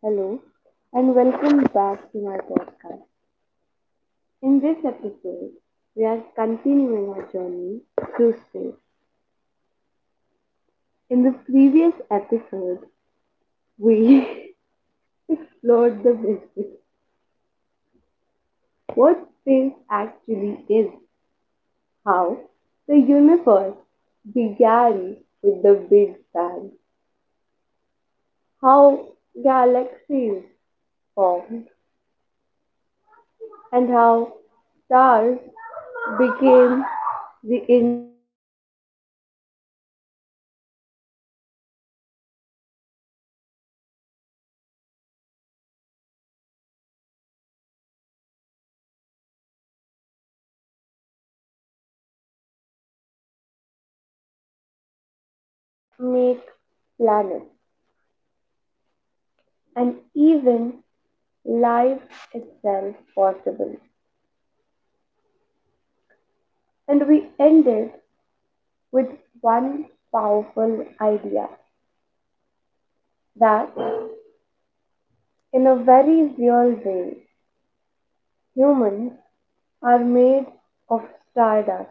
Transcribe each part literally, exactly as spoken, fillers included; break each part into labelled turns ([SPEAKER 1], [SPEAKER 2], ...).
[SPEAKER 1] Hello and welcome back to my podcast. In this episode, we are continuing our journey through space. In the previous episode, we explored the basics what space actually is, how the universe began with the Big Bang, how galaxies formed, and how stars became the engines that shaped everything. Everything that we see today. We talked about how stars create elements that make planets and even life itself possible. And we ended with one powerful idea that, in a very real way, humans are made of stardust.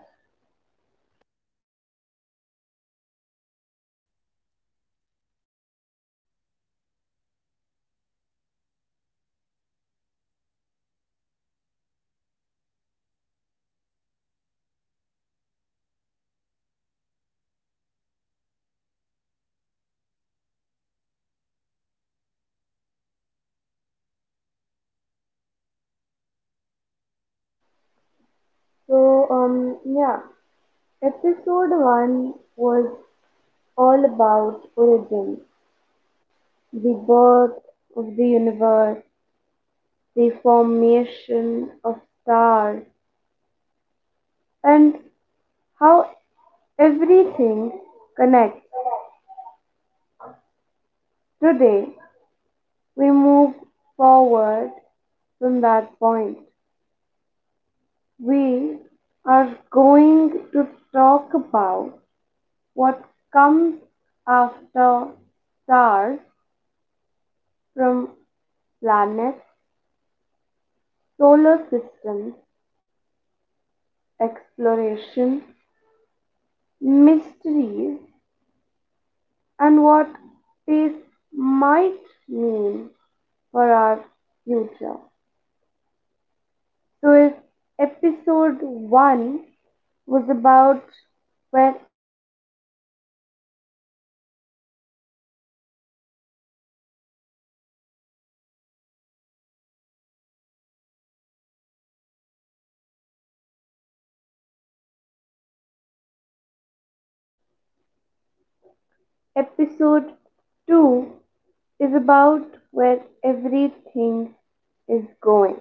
[SPEAKER 1] So, um, yeah. Episode one was all about origin, the birth of the universe, the formation of stars, and how everything connects. Today, we move forward from that point. We are going to talk about what comes after stars from planets solar system exploration, mysteries, and what space might mean for our future. So, if episode one was about where everything began, episode 2, episode 2 is about where everything is going.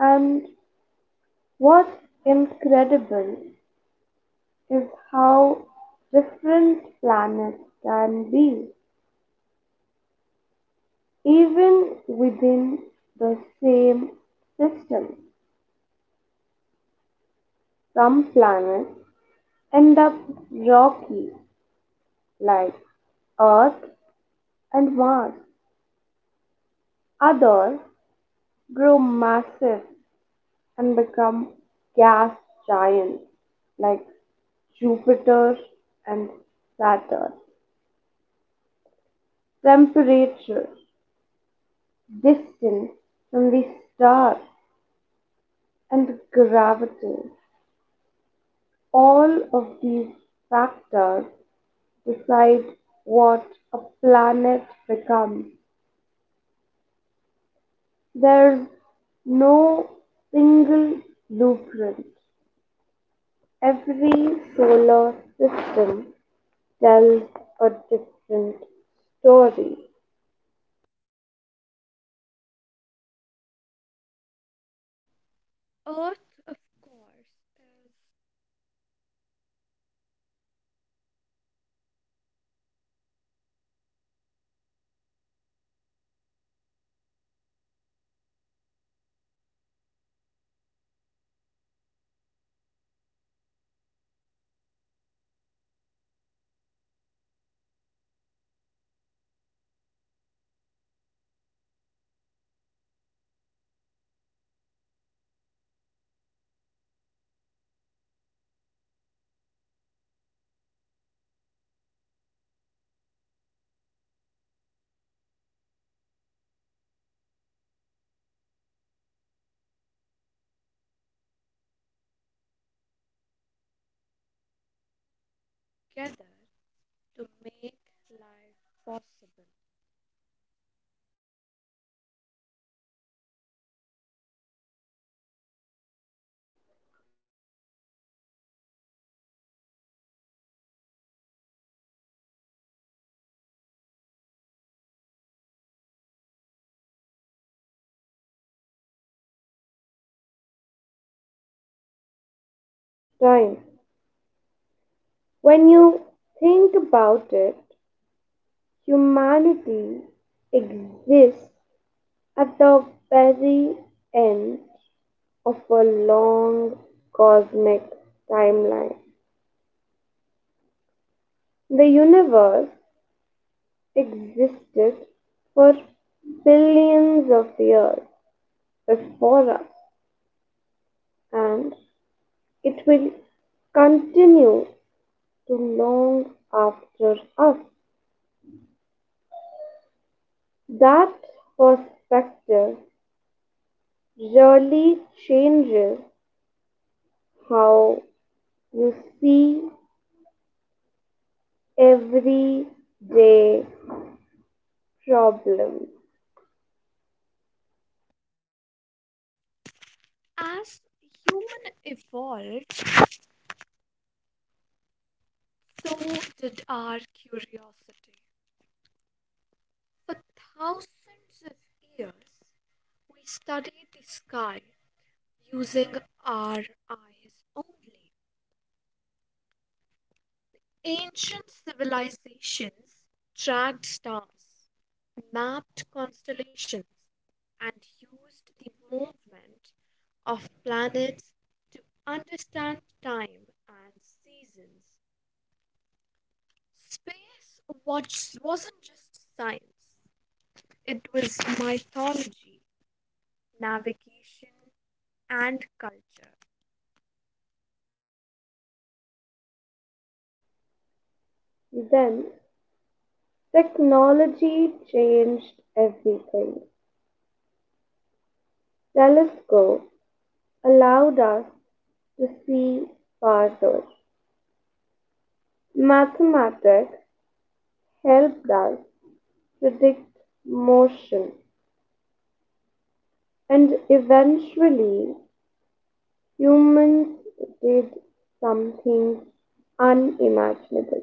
[SPEAKER 1] And what's incredible is how different planets can be, even within the same system. Some planets end up rocky, like Earth and Mars. Others grow massive and become gas giants, like Jupiter and Saturn. Temperature, distance from the stars, and gravity. All of these factors decide what a planet becomes. There's no single blueprint. Every solar system tells a different story.
[SPEAKER 2] Earth, of course, is gathered to make life possible.
[SPEAKER 1] And even then, life started small. Microscopic organisms slowly evolving over time. When you think about it, humanity exists at the very end of a long cosmic timeline. The universe existed for billions of years before us, and it will continue to long after us. That perspective really changes how you see everyday problems.
[SPEAKER 2] As human evolved, so did our curiosity. For thousands of years, we studied the sky using our eyes only. Ancient civilizations tracked stars, mapped constellations, and used the movement of planets to understand time and seasons. Space watch wasn't just science, it was mythology, navigation, and culture.
[SPEAKER 1] Then technology changed everything. Telescopes allowed us to see farther. Mathematics helped us predict motion, and eventually humans did something unimaginable.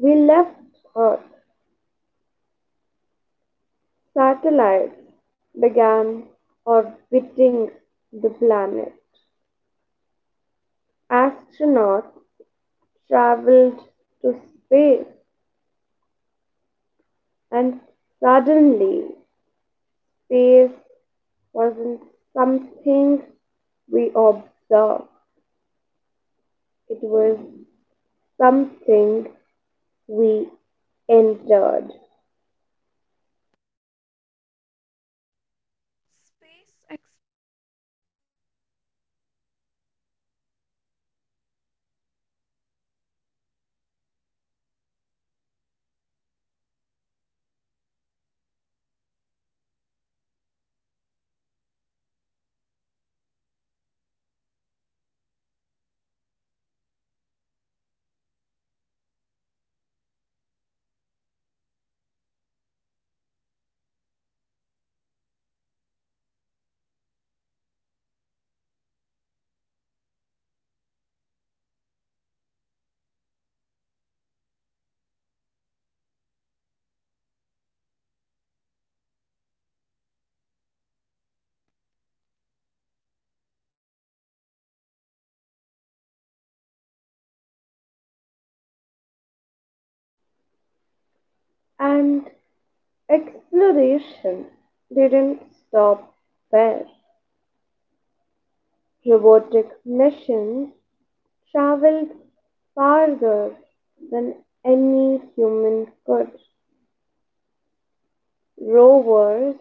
[SPEAKER 1] We left Earth, satellites began orbiting the planet, astronauts traveled to space, and suddenly space wasn't something we observed. It was something we entered,
[SPEAKER 2] Space ex-
[SPEAKER 1] and exploration didn't stop there. Robotic missions traveled farther than any human could. Rovers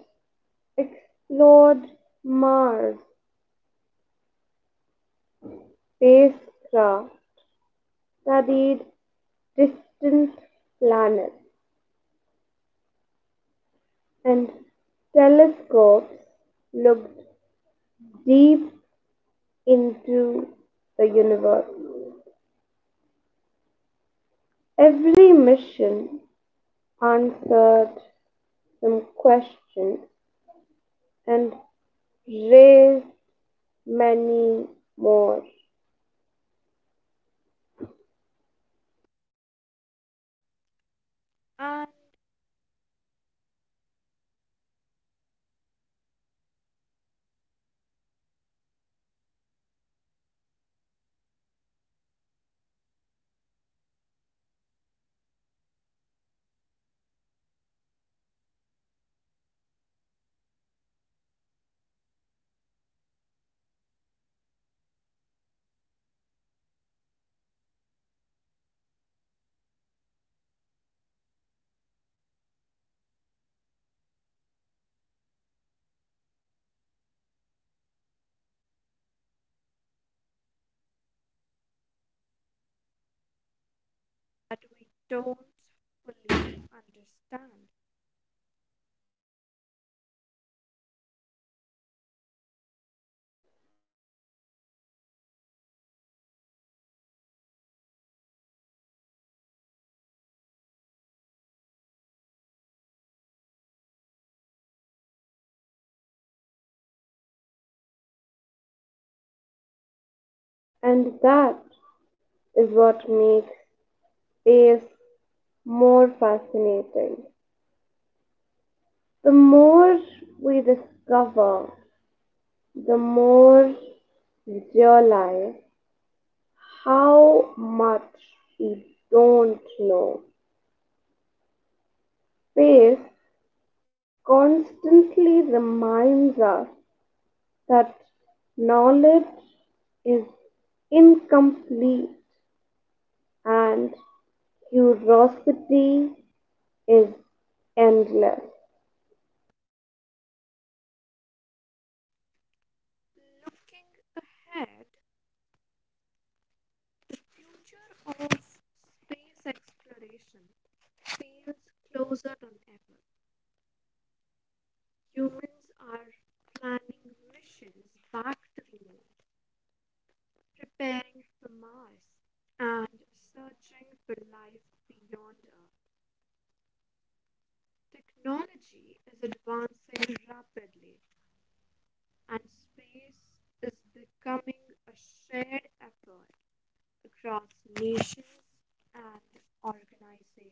[SPEAKER 1] explored Mars, spacecraft studied distant planets, and telescopes looked deep into the universe. Every mission answered some questions and raised many more.
[SPEAKER 2] and that we don't fully understand.
[SPEAKER 1] And that's what makes space so fascinating. The more, and that is what makes space more fascinating. The more we discover, the more we realize how much we don't know. Space constantly reminds us that knowledge is incomplete and curiosity is endless.
[SPEAKER 2] Looking ahead, the future of space exploration feels closer than ever. Humans are planning missions back to the moon, preparing for Mars, and searching for life beyond Earth. Technology is advancing rapidly, and space is becoming a shared effort across nations and organizations.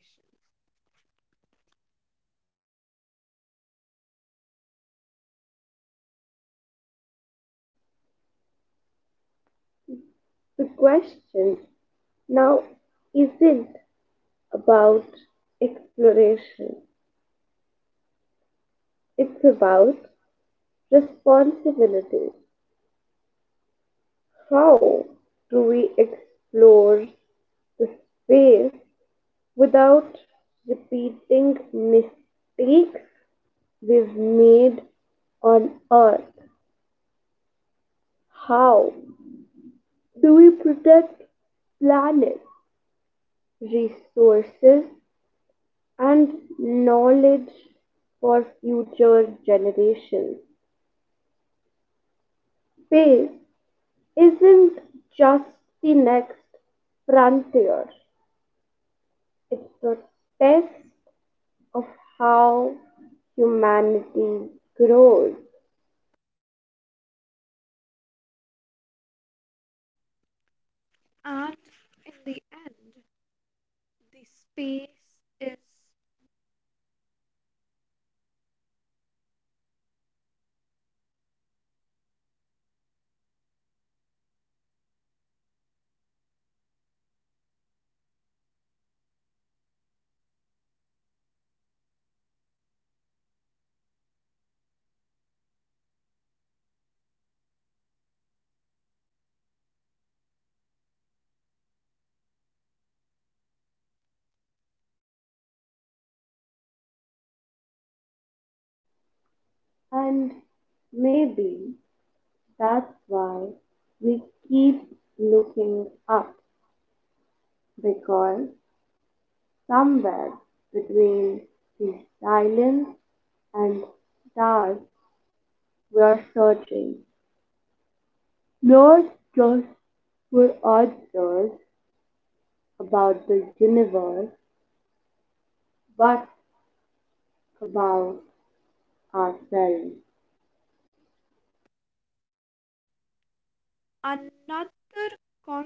[SPEAKER 1] The question now isn't about exploration, it's about responsibility. How do we explore the space without repeating mistakes we've made on Earth? How do we protect planet resources and knowledge for future generations. Space isn't just the next frontier, it's a test of how humanity grows.
[SPEAKER 2] And in the end, the space is
[SPEAKER 1] And maybe that's why we keep looking up, because somewhere between the silence and stars we are searching, not just for answers about the universe, but about ourselves.
[SPEAKER 2] another concept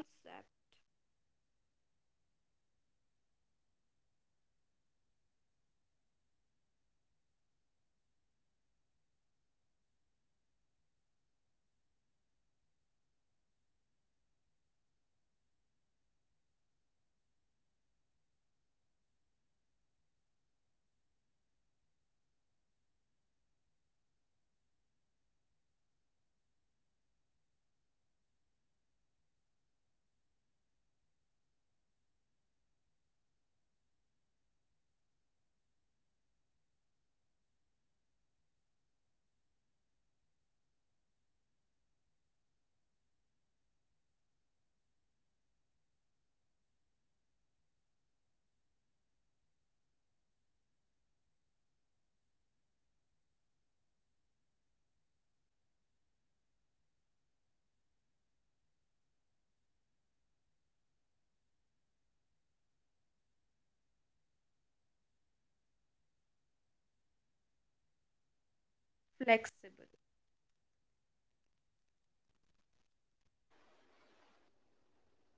[SPEAKER 2] flexible.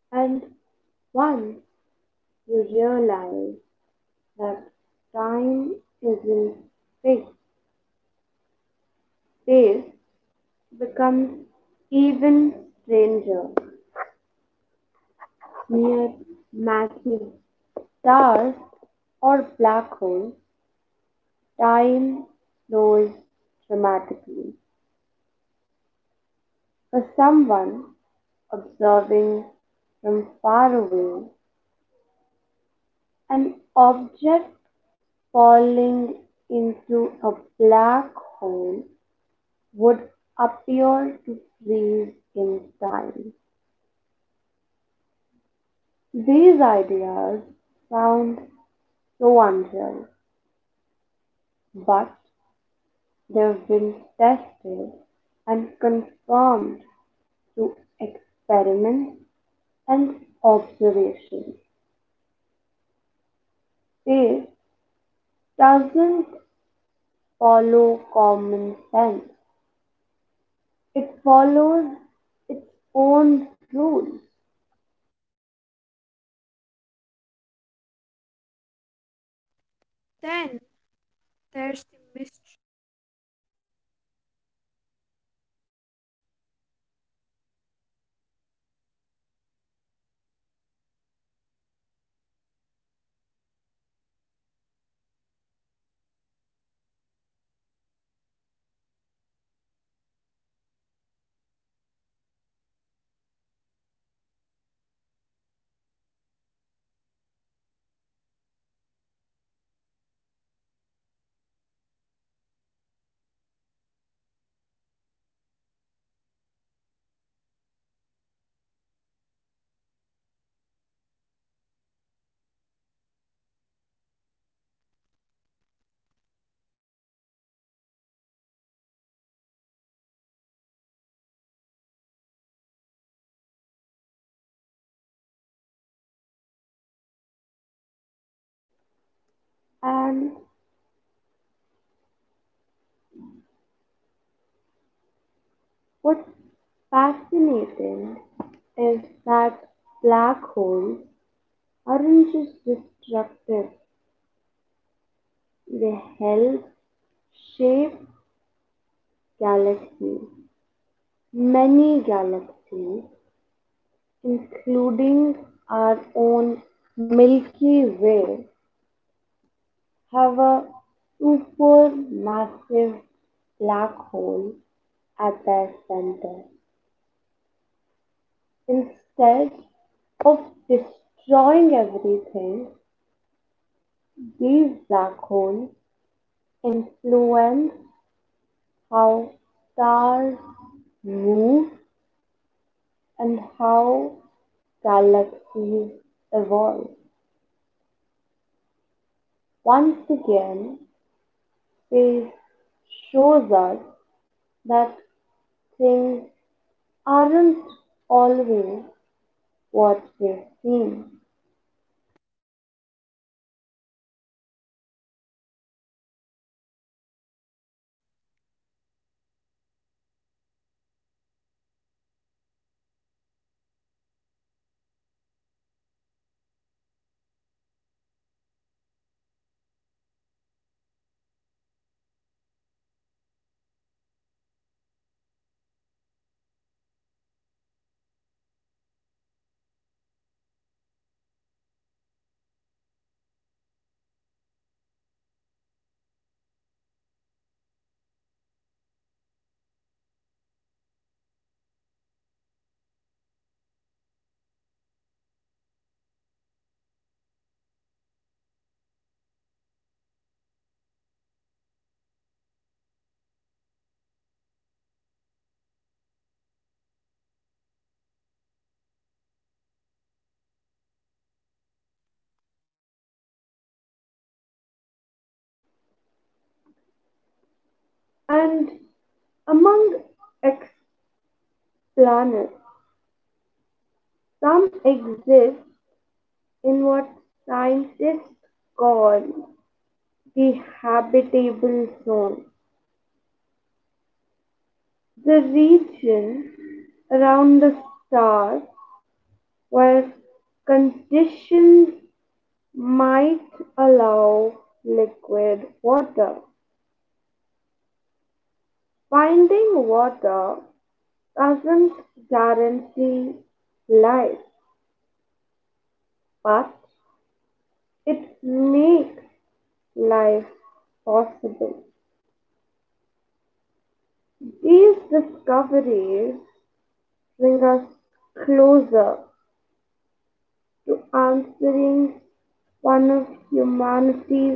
[SPEAKER 1] And once you realize that time isn't fixed, space becomes even stranger. Near massive stars or black holes, time slows dramatically. For someone observing from far away, an object falling into a black hole would appear to freeze in time. These ideas sound so unreal, but they've been tested and confirmed through experiments and observations. Space doesn't follow common sense. It follows its own rules.
[SPEAKER 2] Then there's the mystery.
[SPEAKER 1] And what's fascinating is that black holes aren't just destructive, they help shape galaxies, many galaxies, including our own Milky Way. Have a supermassive black hole at their center. Instead of destroying everything, these black holes influence how stars move and how galaxies evolve. Once again, space shows us that things aren't always what they seem. And among exoplanets, some exist in what scientists call the habitable zone, the region around the star where conditions might allow liquid water. Finding water doesn't guarantee life, but it makes life possible. These discoveries bring us closer to answering one of humanity's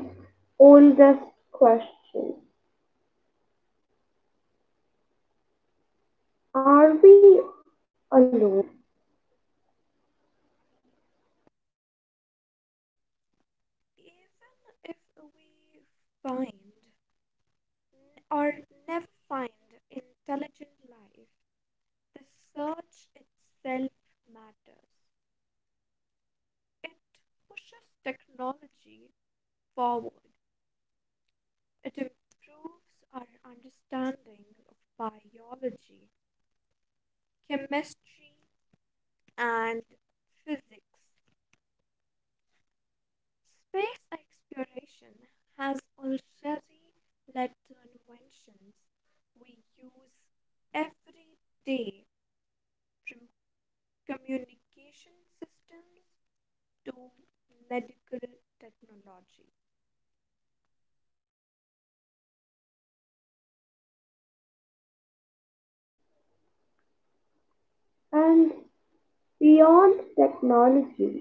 [SPEAKER 1] oldest questions. Are we alone?
[SPEAKER 2] Even if we find or never find intelligent life, the search itself matters. It pushes technology forward. It improves our understanding of biology, chemistry, and physics. Space exploration has already led to inventions we use every day, from communication systems to medical technology.
[SPEAKER 1] And beyond technology,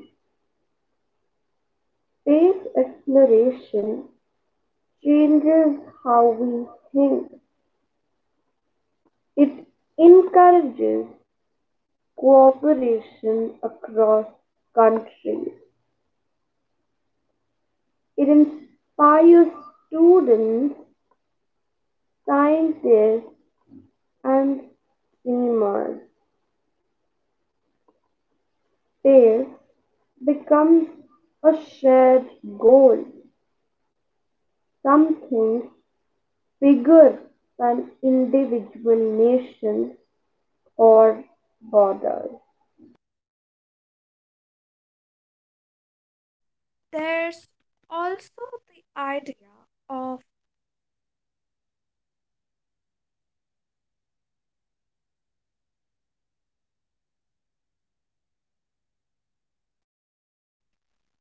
[SPEAKER 1] space exploration changes how we think. It encourages cooperation across countries. It inspires students, scientists, and dreamers. Space becomes a shared goal, something bigger than individual nations or borders.
[SPEAKER 2] There's also the idea of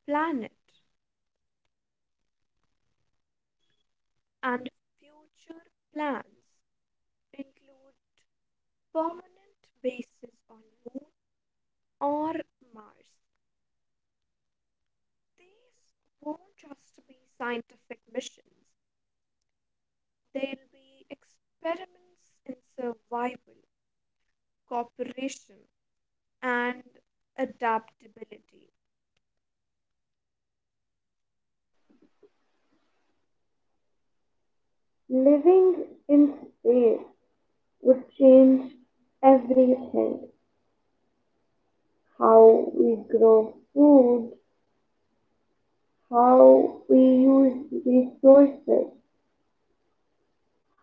[SPEAKER 2] planet and future plans. Include permanent bases on Moon or Mars. These won't just be scientific missions, they'll be experiments in survival, cooperation, and adaptability.
[SPEAKER 1] Living in space would change everything how we grow food, how we use resources,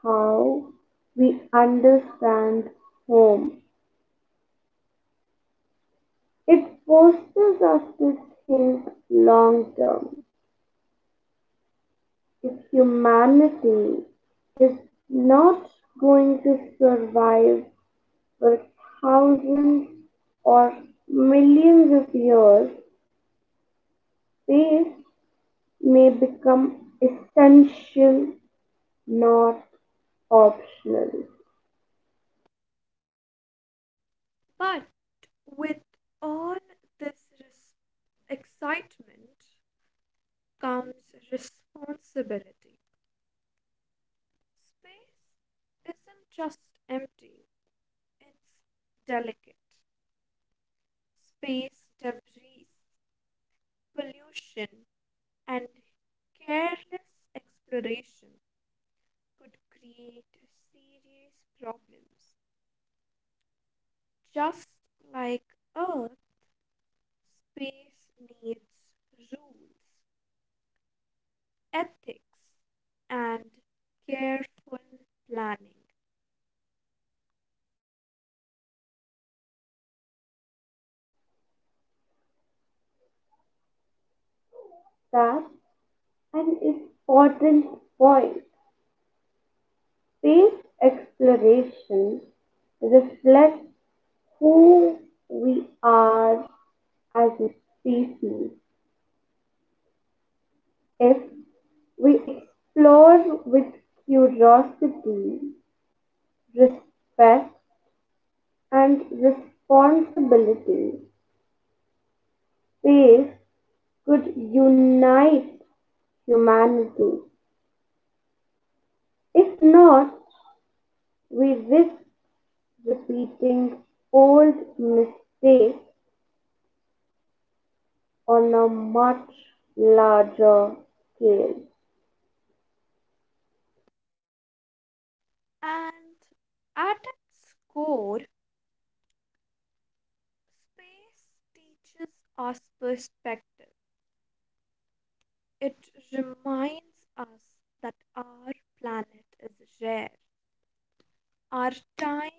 [SPEAKER 1] how we understand home. It forces us to think long term. If humanity is not going to survive for thousands or millions of years, space may become essential, not optional.
[SPEAKER 2] But with all this res- excitement comes responsibility. Space isn't just empty, it's delicate. Space debris, pollution, and careless exploration could create serious problems. Just like Earth, space needs rules, ethics, and careful planning.
[SPEAKER 1] That's an important point. Space exploration reflects who we are as a species. If we explore with curiosity, respect, and responsibility, faith could unite humanity. If not, we risk repeating old mistakes on a much larger scale.
[SPEAKER 2] And at its core, space teaches us perspective. It reminds us that our planet is rare, our time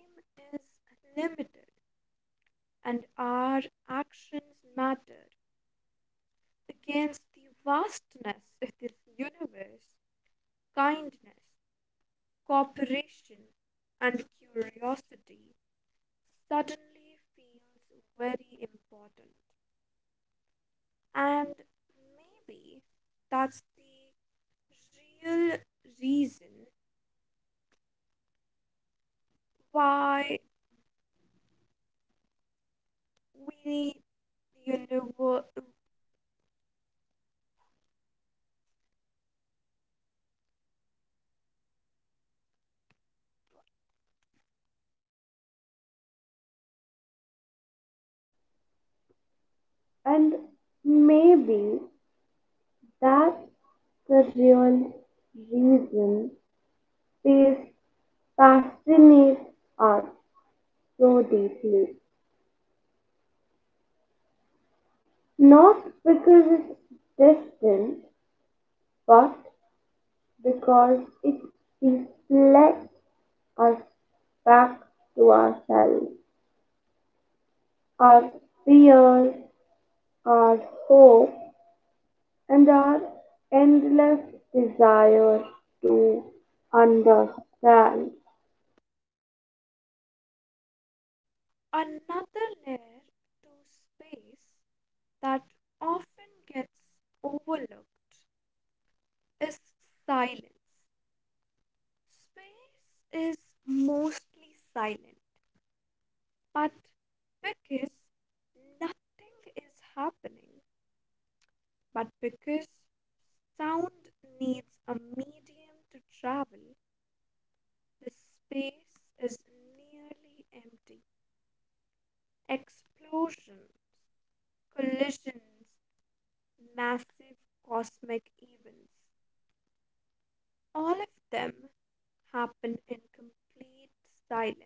[SPEAKER 2] is limited, and our actions matter against the vastness of this universe. Kindness, cooperation, and curiosity suddenly feels very important. And maybe that's the real reason why we need you know,
[SPEAKER 1] And maybe that's the real reason faith fascinates us so deeply. Not because it's distant, but because it reflects us back to ourselves, our fears, our hope, and our endless desire to understand.
[SPEAKER 2] Another layer to space that often gets overlooked is silence. Space is mostly silent, but because nothing is happening, but because sound needs a medium to travel, the space is nearly empty. Explosions, collisions, massive cosmic events. All of them happen in complete silence.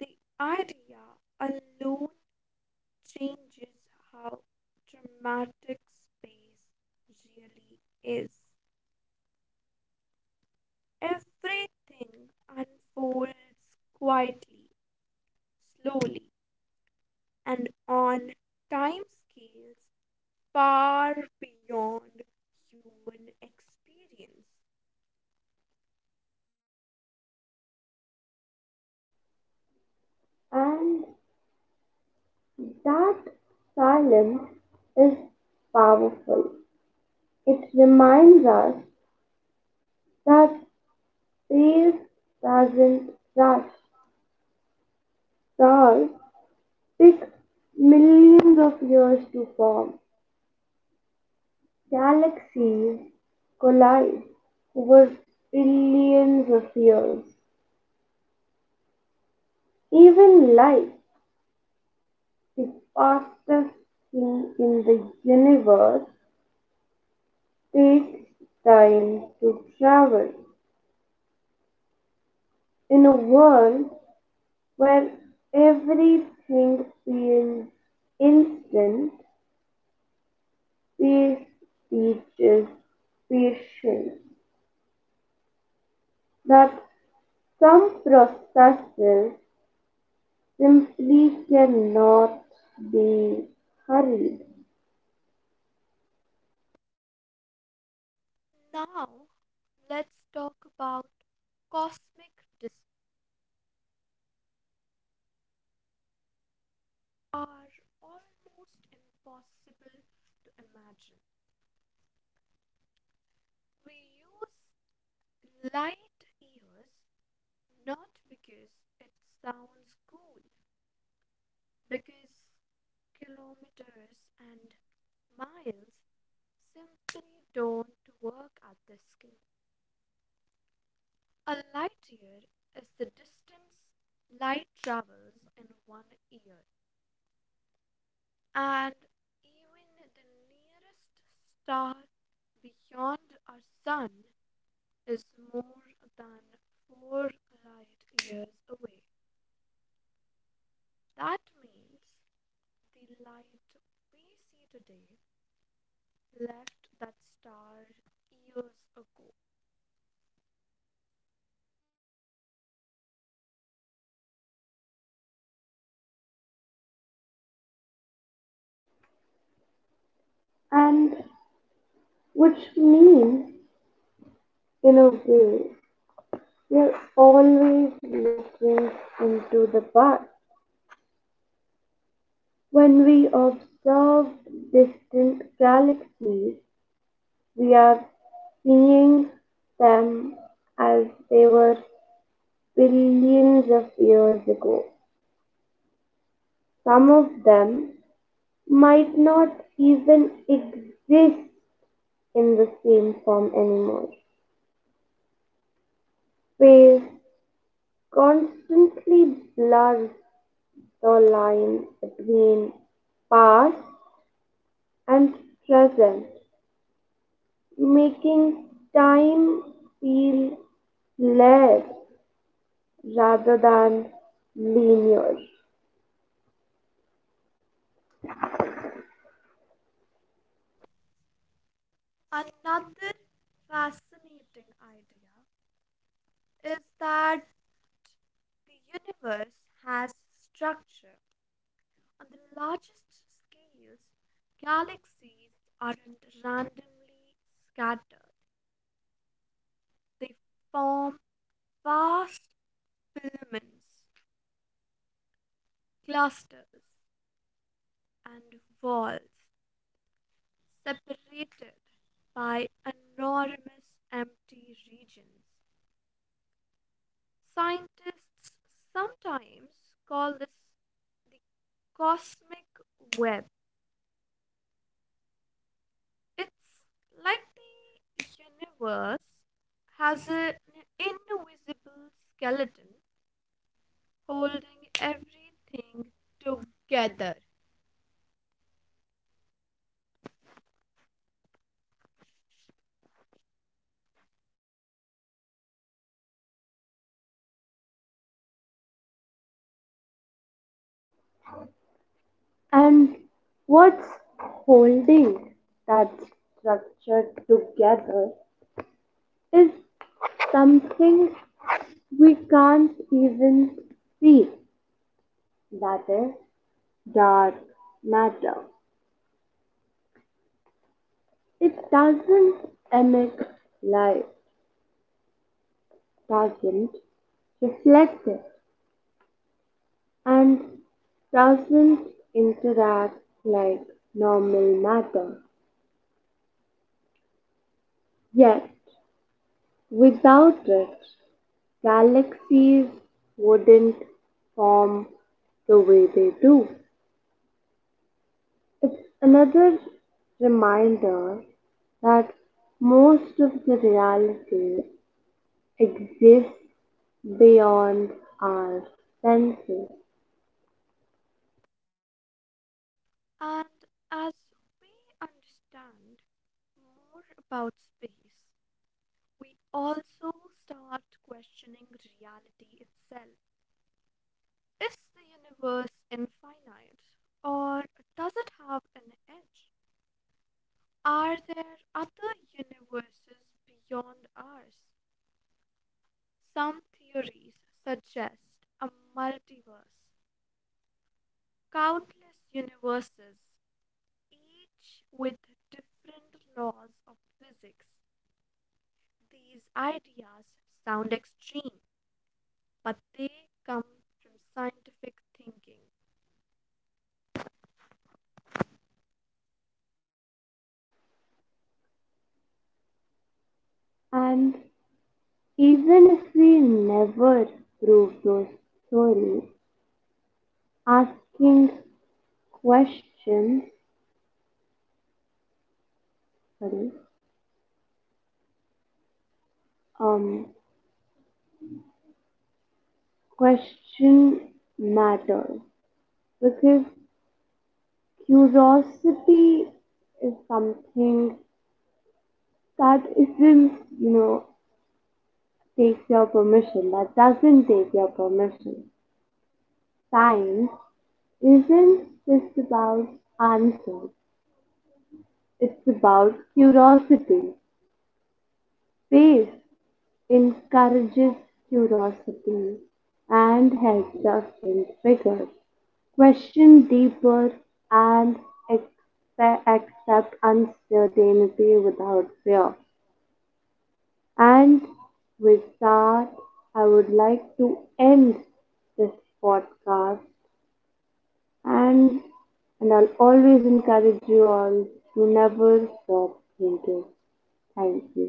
[SPEAKER 2] The idea alone changes how dramatic space really is. Everything unfolds quietly, slowly, and on timescales far beyond human experience.
[SPEAKER 1] And that silence is powerful. It reminds us that space doesn't rush. Stars take millions of years to form, Galaxies collide over billions of years. Even light, the fastest thing in the universe, takes time to travel. In a world where everything feels instant, space teaches patience that some processes simply cannot be hurried,
[SPEAKER 2] Now, let's talk about cosmic disks are almost impossible to imagine. We use light years not because it sounds cool, because kilometers and miles simply don't work at this scale. A light year is the distance light travels in one year. And even the nearest star beyond our sun is more than four light years away. That means the light we see today left that star years ago.
[SPEAKER 1] and which means, in a way, we are always looking into the past. When we observe distant galaxies, we are seeing them as they were billions of years ago. Some of them might not even exist in the same form anymore. We constantly blur the line between past and present, making time feel less rather than linear.
[SPEAKER 2] Another fascinating idea is that the universe has structure. On the largest scales, galaxies aren't randomly scattered, they form vast filaments, clusters, and walls separated by enormous empty regions. Scientists sometimes call this the cosmic web. It's like the universe has an invisible skeleton holding everything together.
[SPEAKER 1] And what's holding that structure together is something we can't even see, that is, dark matter. It doesn't emit light, doesn't reflect it, and doesn't interact like normal matter. Yet, without it, galaxies wouldn't form the way they do. It's another reminder that most of the reality exists beyond our senses.
[SPEAKER 2] And as we understand more about space, we also start questioning reality itself. Is the universe infinite or does it have an edge? Are there other universes beyond ours? Some theories suggest a multiverse, countless universes, each with different laws of physics. These ideas sound extreme, but they come from scientific thinking.
[SPEAKER 1] And even if we never prove those theories, asking questions, sorry, um, question matters because curiosity is something that isn't, you know, takes your permission, that doesn't take your permission. Science isn't just about answers, it's about curiosity. Space encourages curiosity and helps us think bigger, question deeper, and accept, accept uncertainty without fear. And with that, I would like to end this podcast. and and I'll always encourage you all to never stop thinking. Thank you.